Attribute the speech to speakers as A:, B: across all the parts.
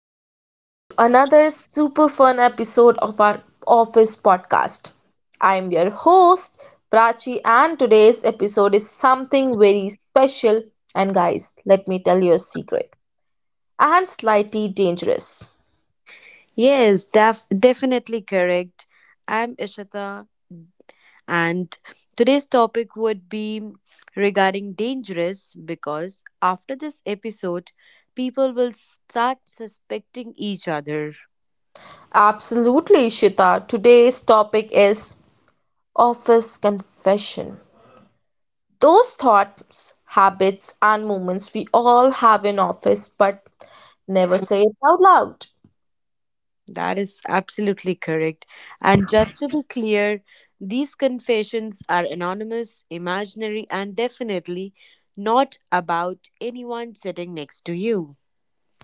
A: and welcome back to another super fun episode of our office podcast. I'm your host, Prachi, and today's episode is something very special. And, guys, let me tell you a secret and slightly dangerous.
B: Definitely correct. I'm Ishita, and today's topic would be regarding dangerous because after this episode, people will start suspecting each other.
A: Absolutely, Shita. Today's topic is office confession. Those thoughts, habits, and moments we all have in office but never say it out loud.
B: That is absolutely correct. And just to be clear, these confessions are anonymous, imaginary, and definitely not about anyone sitting next to you.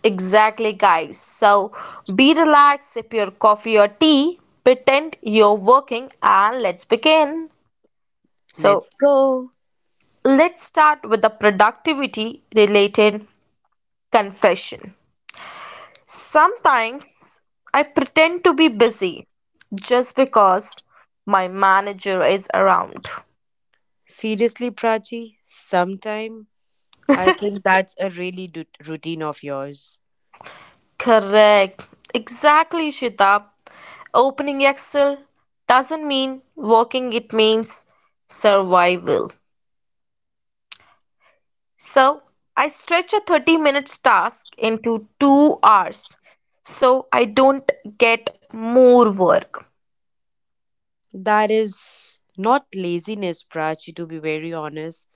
A: Exactly, guys. So be relaxed, sip your coffee or tea, pretend you're working, and let's begin.
B: Let's
A: So
B: go.
A: let's start with the productivity related confession. Sometimes I pretend to be busy just because my manager is around.
B: Seriously, Prachi, sometime I think that's a really routine of yours.
A: Correct. Exactly, Shita. Opening Excel doesn't mean working, it means survival. So I stretch a 30 minutes task into 2 hours so I don't get more work.
B: That is not laziness, Prachi, to be very honest.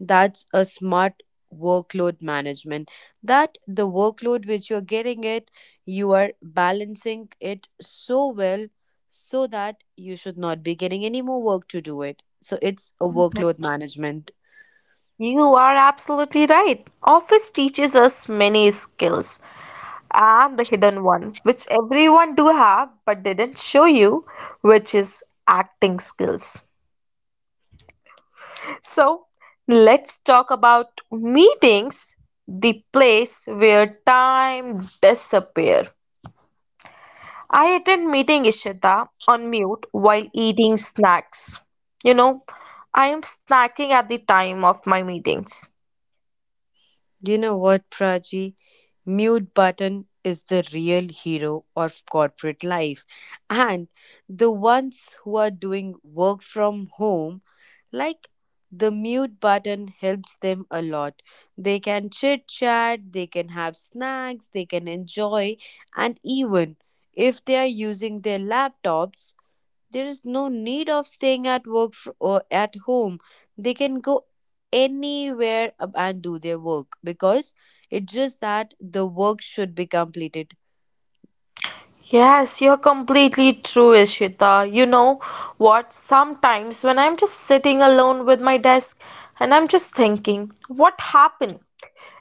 B: That's a smart workload management. That the workload which you're getting it, you are balancing it so well so that you should not be getting any more work to do it. So it's a workload management.
A: You are absolutely right. Office teaches us many skills and the hidden one, which everyone do have but didn't show you, which is acting skills. So let's talk about meetings, the place where time disappear. I attend meeting Ishita on mute while eating snacks. You know, I am snacking at the time of my meetings.
B: You know what, Prachi? Mute Button is the real hero of corporate life, and the ones who are doing work from home, like the mute button, helps them a lot. They can chit chat, they can have snacks, they can enjoy, and even if they are using their laptops, there is no need of staying at work or at home they can go anywhere and do their work because it's just that the work should be completed.
A: Yes, you're completely true, Ishita. You know what? Sometimes when I'm just sitting alone with my desk and I'm just thinking, what happened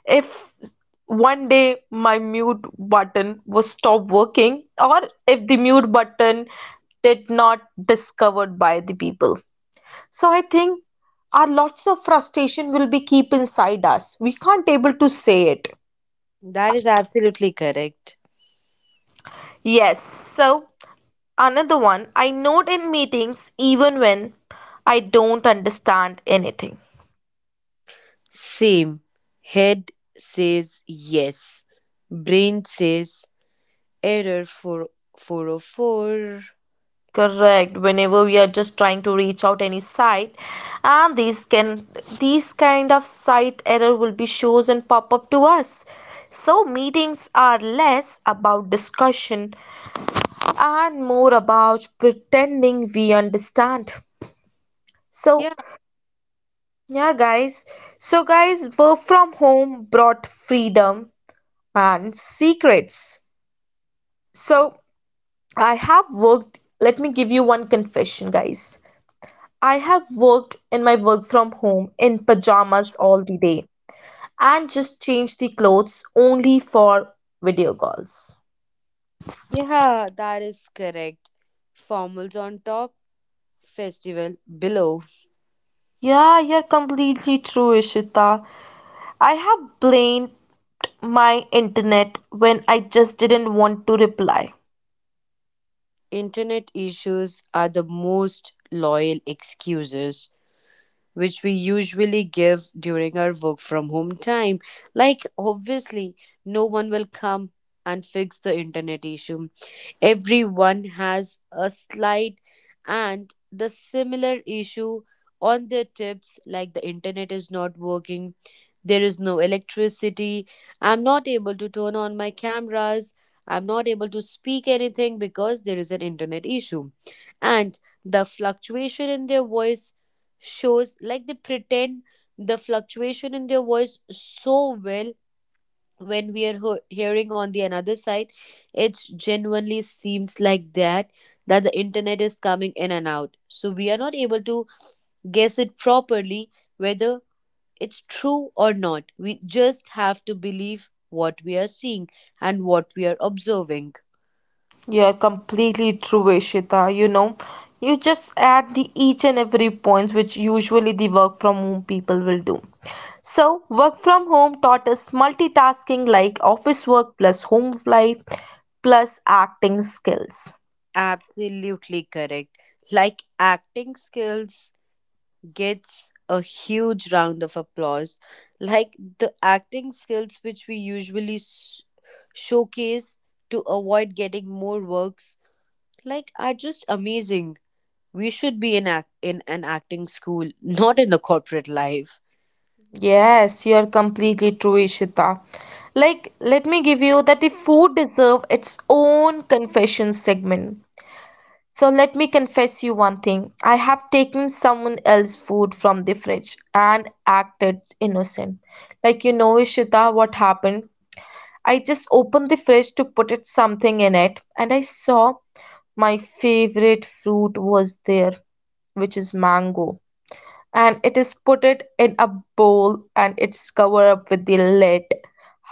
A: if one day my mute button was stopped working or if the mute button did not discovered by the people? So I think our lots of frustration will be keep inside us. We can't able to say it.
B: That is absolutely correct.
A: Yes. So another one, I note in meetings even when I don't understand anything.
B: Same head says yes, brain says error for 404.
A: Correct. Whenever we are just trying to reach out any site, and these kind of site error will be shows and pop up to us. So meetings are less about discussion and more about pretending we understand. So,
B: Yeah,
A: yeah, guys. So, guys, work from home brought freedom and secrets. So, I have worked, let me give you one confession, guys. I have worked in my work from home in pajamas all the day and just changed the clothes only for video calls.
B: yeah, that is correct. Formals on top, festival below.
A: Yeah, you're completely true, Ishita. I have blamed my internet when I just didn't want to reply.
B: Internet issues are the most loyal excuses which we usually give during our work from home time. Like, obviously, no one will come and fix the internet issue. Everyone has a slight and the similar issue on their tips, like the internet is not working, there is no electricity. I'm not able to turn on my cameras. I'm not able to speak anything because there is an internet issue. And the fluctuation in their voice shows like they pretend the fluctuation in their voice so well when we are hearing on the another side, it genuinely seems like that the internet is coming in and out, so we are not able to guess it properly whether it's true or not. We just have to believe what we are seeing and what we are observing.
A: You're completely true, Ishita. You know, you just add the each and every points which usually the work from home people will do. So, work from home taught us multitasking like office work plus home life plus acting skills.
B: Absolutely correct. Like acting skills gets a huge round of applause. Like the acting skills which we usually showcase to avoid getting more works, like are just amazing. We should be in act in an acting school, not in the corporate life.
A: Yes, you're completely true, Ishita. Like, let me give you that the food deserve its own confession segment. So let me confess you one thing. I have taken someone else's food from the fridge and acted innocent. Like you know, Ishita, what happened? I just opened the fridge to put it something in it and I saw my favorite fruit was there, which is mango, and it is put it in a bowl and it's covered up with the lid.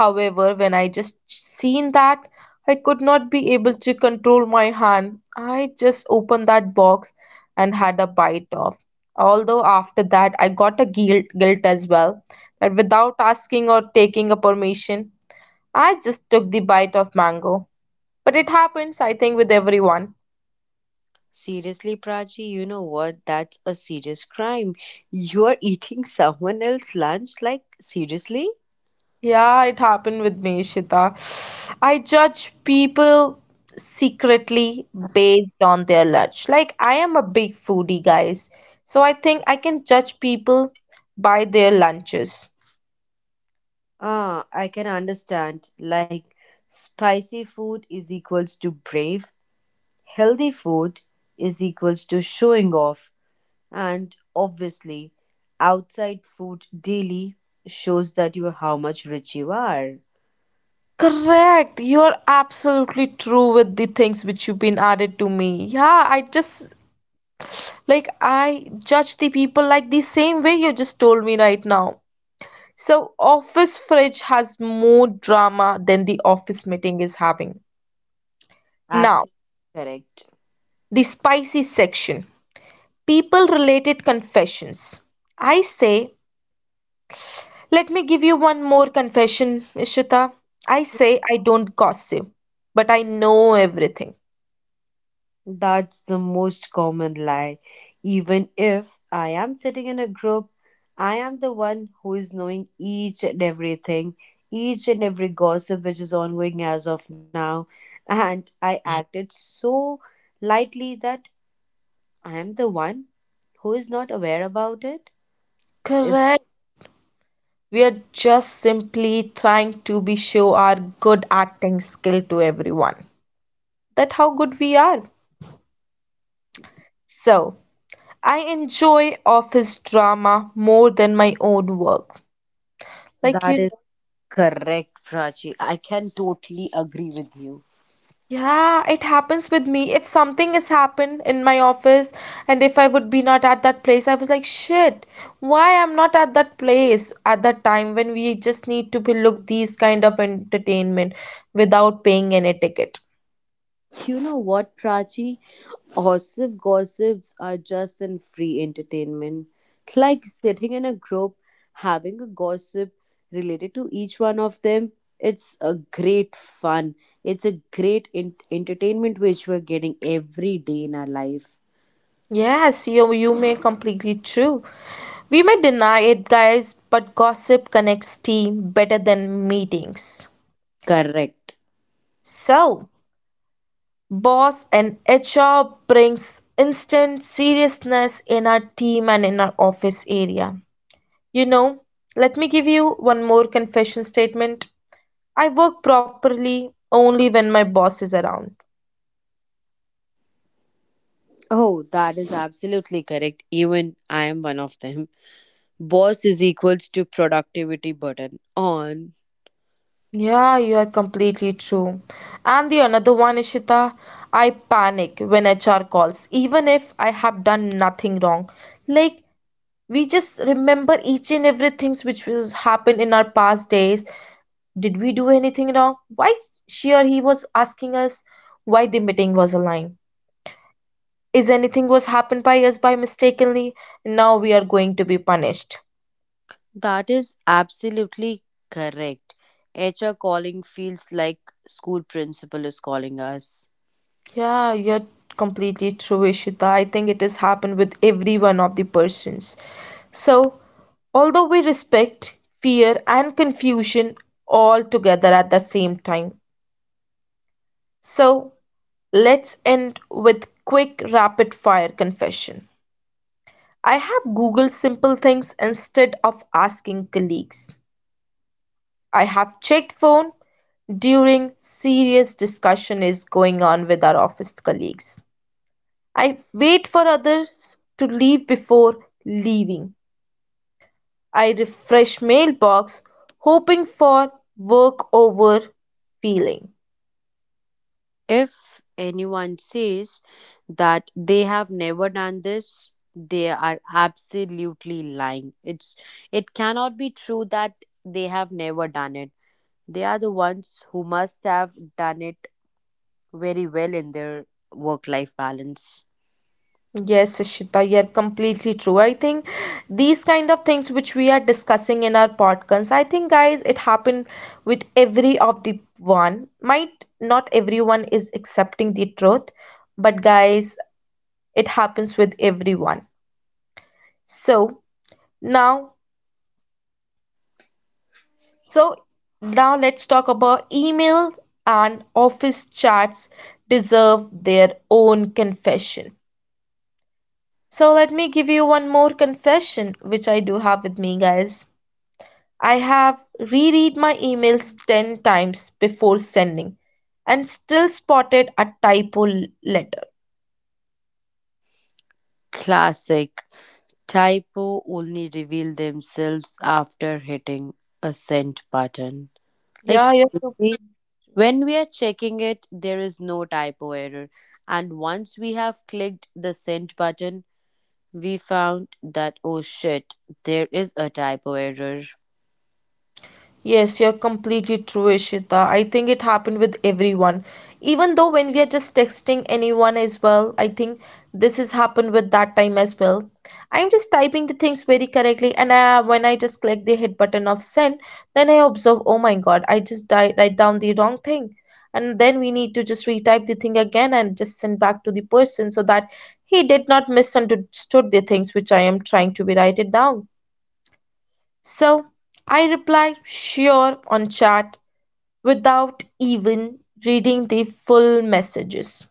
A: However, when I just seen that, I could not be able to control my hand. I just opened that box and had a bite off. Although, after that, I got a guilt as well, that without asking or taking a permission, I just took the bite of mango, but it happens, I think, with everyone.
B: Seriously, Prachi, you know what? That's a serious crime. You're eating someone else's lunch? Like, seriously?
A: Yeah, it happened with me, Shita. I judge people secretly based on their lunch. Like, I am a big foodie, guys. So I think I can judge people by their lunches.
B: Ah, I can understand. Like, spicy food is equals to brave, healthy food is equals to showing off, and obviously, outside food daily shows that you how much rich you are.
A: Correct. You are absolutely true with the things which you've been added to me. Yeah, I just like I judge the people like the same way you just told me right now. So office fridge has more drama than the office meeting is having. Now,
B: Absolutely correct.
A: the spicy section people related confessions. I say, let me give you one more confession, Ishita. I say I don't gossip, but I know everything.
B: That's the most common lie. Even if I am sitting in a group, I am the one who is knowing each and everything, each and every gossip which is ongoing as of now. And I acted so lightly that I am the one who is not aware about it. Is
A: Correct. We are just simply trying to be show our good acting skill to everyone. That how good we are. So, I enjoy office drama more than my own work.
B: that
A: Like
B: is
A: you know,
B: correct, Prachi. I can totally agree with you.
A: yeah, it happens with me. If something has happened in my office and if I would be not at that place, I was like, shit, why I'm not at that place at that time when we just need to be look these kind of entertainment without paying any ticket.
B: You know what, Prachi? Gossips are just in free entertainment. Like sitting in a group, having a gossip related to each one of them, it's a great fun. It's a great entertainment which we're getting every day in our life.
A: Yes, you may completely true. We may deny it, guys, but gossip connects team better than meetings.
B: Correct.
A: So, boss and HR brings instant seriousness in our team and in our office area. You know, let me give you one more confession statement. I work properly only when my boss is around.
B: Oh, that is absolutely correct. Even I am one of them. Boss is equals to productivity button on.
A: Yeah, you are completely true. And the another one, Ishita, I panic when HR calls, even if I have done nothing wrong. Like, we just remember each and everything which was happened in our past days. Did we do anything wrong? Why sure he was asking us why the meeting was online. Is anything was happened by us by mistakenly? Now we are going to be punished.
B: That is absolutely correct. HR calling feels like school principal is calling us.
A: Yeah, you're completely true, Ishita. I think it has happened with every one of the persons. So although we respect fear and confusion all together at the same time. So let's end with quick rapid fire confession. I have Googled simple things instead of asking colleagues. I have checked phone during serious discussion is going on with our office colleagues. I wait for others to leave before leaving. I refresh mailbox hoping for work over feeling.
B: If anyone says that they have never done this, they are absolutely lying. It cannot be true that they have never done it. They are the ones who must have done it very well in their work life balance.
A: Yes, Ishita, you're completely true. I think these kind of things which we are discussing in our podcasts, I think, guys, it happened with every of the one. Might not everyone is accepting the truth, but guys, it happens with everyone. So now, so now, let's talk about email and office chats deserve their own confession. So let me give you one more confession which I do have with me, guys. I have reread my emails 10 times before sending and still spotted a typo letter.
B: Classic. Typo only reveal themselves after hitting a send button. Like
A: Yeah, yeah, yeah.
B: seriously, when we are checking it, there is no typo error. And once we have clicked the send button, we found that oh shit, there is a typo error.
A: Yes, you're completely true, Ishita. I think it happened with everyone. Even though when we are just texting anyone as well, I think this has happened with that time as well. I'm just typing the things very correctly, and when I just click the hit button of send, then I observe, oh my god, I just write down the wrong thing. And then we need to just retype the thing again and just send back to the person so that he did not misunderstood the things which I am trying to be write it down. So I replied, sure, on chat without even reading the full messages.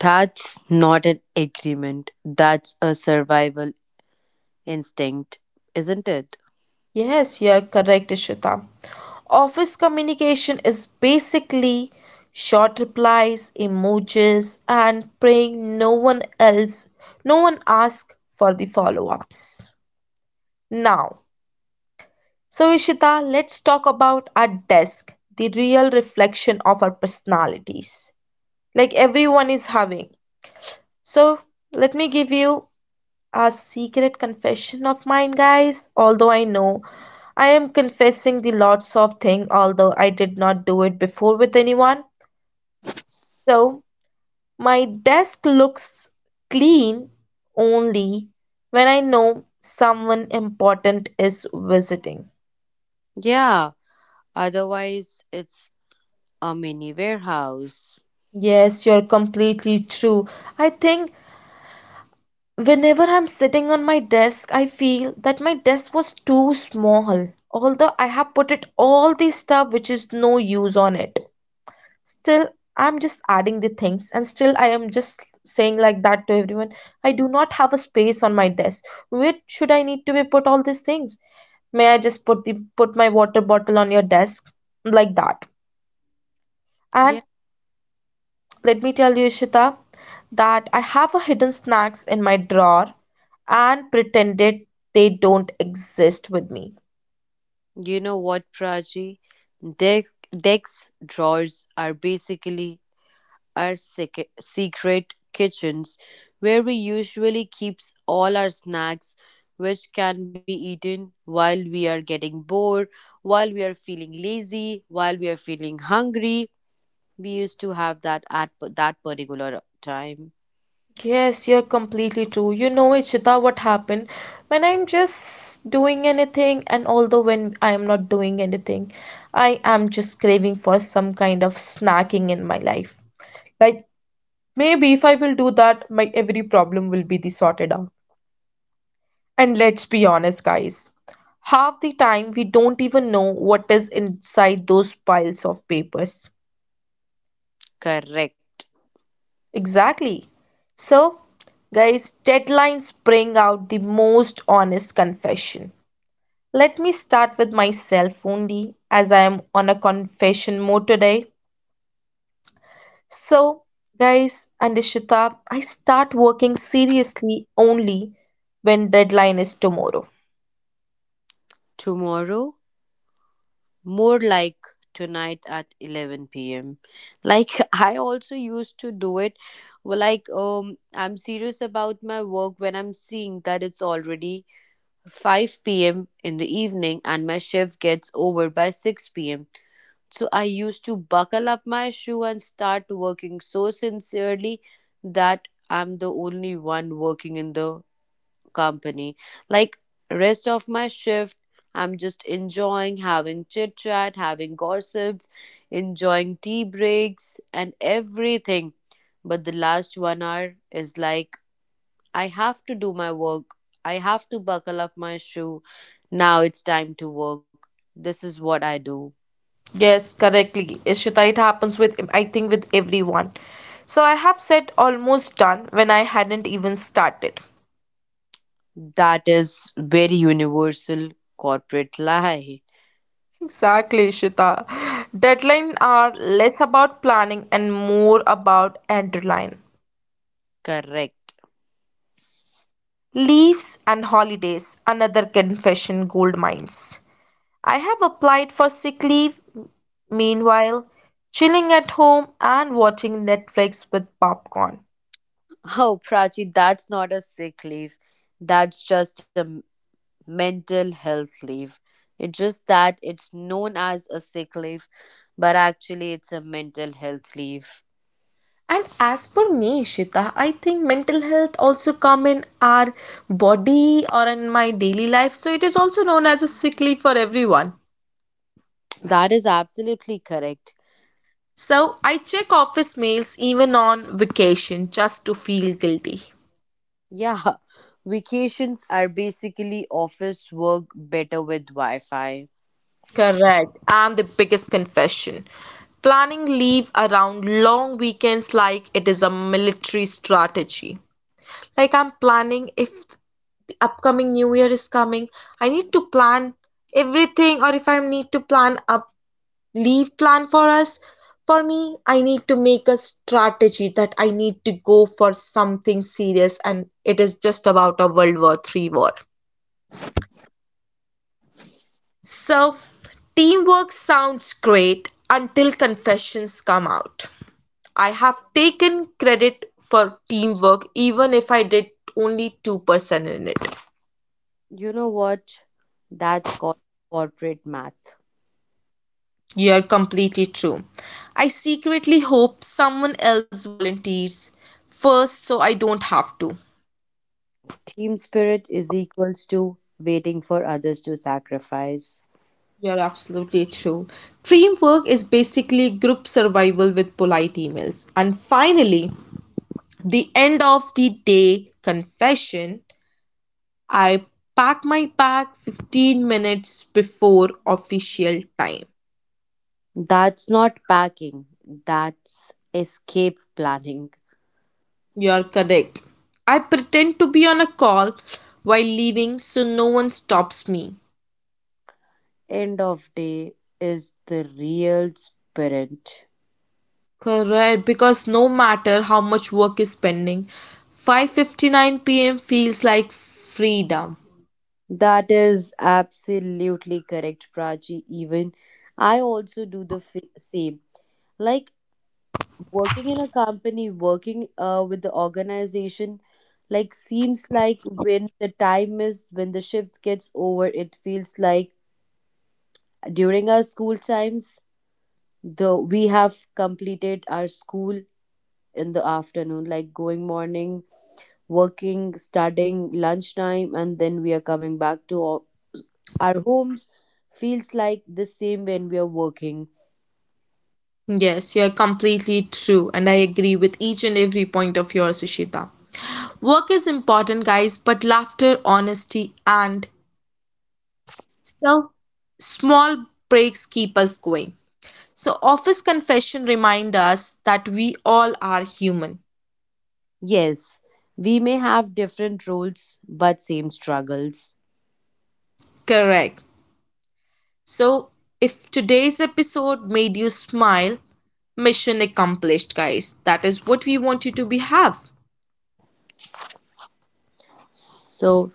B: That's not an agreement. That's a survival instinct, isn't it?
A: Yes, you are correct, Ishita. Office communication is basically short replies, emojis, and praying no one else, no one asks for the follow ups. Now, so Ishita, let's talk about our desk, the real reflection of our personalities. Like everyone is having. So, let me give you a secret confession of mine, guys. Although I know I am confessing the lots of thing, although I did not do it before with anyone. So, my desk looks clean only when I know someone important is visiting.
B: Yeah, otherwise it's a mini warehouse.
A: Yes, you're completely true. I think whenever I'm sitting on my desk, I feel that my desk was too small. Although I have put it all the stuff which is no use on it. Still, I'm just adding the things and still I am just saying like that to everyone. I do not have a space on my desk. Where should I need to be put all these things? May I just put my water bottle on your desk like that?
B: Yeah.
A: And let me tell you, Ishita, that I have a hidden snacks in my drawer and pretended they don't exist with me.
B: You know what, Prachi? Dex drawers are basically our secret kitchens where we usually keeps all our snacks which can be eaten while we are getting bored, while we are feeling lazy, while we are feeling hungry. We used to have that at that particular time.
A: Yes, you're completely true. You know, Ishita, what happened when I'm just doing anything, and although when I am not doing anything, I am just craving for some kind of snacking in my life. Like, maybe if I will do that, my every problem will be the sorted out. And let's be honest, guys, half the time we don't even know what is inside those piles of papers.
B: Correct.
A: Exactly. So, guys, deadlines bring out the most honest confession. Let me start with myself only, as I am on a confession mode today. So, guys, and Ishita, I start working seriously only when deadline is tomorrow.
B: Tomorrow, more like tonight at 11 p.m., like I also used to do it well, like I'm serious about my work when I'm seeing that it's already 5 p.m. in the evening and my shift gets over by 6 p.m., so I used to buckle up my shoe and start working so sincerely that I'm the only one working in the company. Like rest of my shift, I'm just enjoying having chit chat, having gossips, enjoying tea breaks and everything. But the last 1 hour is like I have to do my work. I have to buckle up my shoe. Now it's time to work. This is what I do.
A: Yes, correctly. Ishita, it happens with, I think, with everyone. So I have said almost done when I hadn't even started.
B: That is very universal corporate lie.
A: Exactly, Ishita. Deadlines are less about planning and more about adrenaline.
B: Correct.
A: Leaves and holidays, another confession gold mines. I have applied for sick leave. Meanwhile, chilling at home and watching Netflix with popcorn.
B: Oh, Prachi, that's not a sick leave. That's just a mental health leave. It's just that it's known as a sick leave, but actually it's a mental health leave.
A: And as per me, Shita, I think mental health also come in our body or in my daily life. So it is also known as a sick leave for everyone.
B: That is absolutely correct.
A: So I check office mails even on vacation just to feel guilty.
B: Yeah, vacations are basically office work better with Wi Fi.
A: Correct. And the biggest confession. Planning leave around long weekends like it is a military strategy. Like I'm planning if the upcoming new year is coming, I need to plan everything or if I need to plan a leave plan for us. For me, I need to make a strategy that I need to go for something serious, and it is just about a World War III war. So, teamwork sounds great until confessions come out. I have taken credit for teamwork even if I did only 2% in it.
B: You know what? That's called corporate math.
A: You're completely true. I secretly hope someone else volunteers first so I don't have to.
B: Team spirit is equals to waiting for others to sacrifice.
A: You're absolutely true. Teamwork is basically group survival with polite emails. And finally, the end of the day confession. I pack 15 minutes before official time.
B: That's not packing, that's escape planning.
A: You're correct. I pretend to be on a call while leaving so no one stops me.
B: End of day is the real spirit.
A: Correct, because no matter how much work is pending, 5:59 p.m. feels like freedom.
B: That is absolutely correct, Prachi. Even I also do the same. Like working in a company, working with the organization, like seems like when the time is when the shift gets over, it feels like during our school times, the we have completed our school in the afternoon, like going morning working, studying, lunchtime, and then we are coming back to our homes. Feels like the same when we are working.
A: Yes, you're completely true, and I agree with each and every point of yours, Ishita. Work is important, guys, but laughter, honesty, and so small breaks keep us going. So, office confession remind us that we all are human.
B: Yes, we may have different roles, but same struggles.
A: Correct. So, if today's episode made you smile, mission accomplished, guys. That is what we want you to be have.
B: So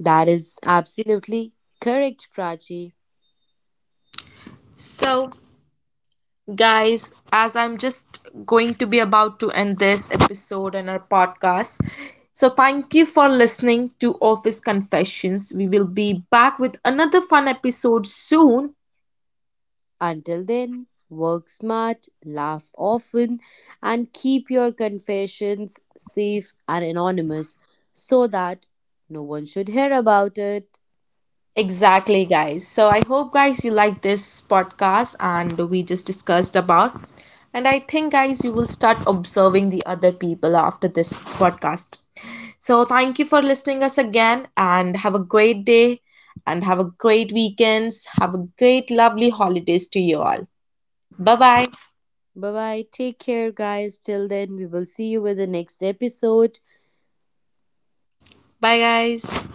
B: that is absolutely correct, Prachi.
A: So, guys, as I'm just going to be about to end this episode and our podcast, so thank you for listening to Office Confessions. We will be back with another fun episode soon.
B: Until then, work smart, laugh often, and keep your confessions safe and anonymous so that no one should hear about it.
A: Exactly, guys. So I hope, guys, you like this podcast and we just discussed about. And I think, guys, you will start observing the other people after this podcast. So thank you for listening us again and have a great day and have a great weekends. Have a great, lovely holidays to you all. Bye bye.
B: Bye bye. Take care, guys. Till then, we will see you with the next episode.
A: Bye, guys.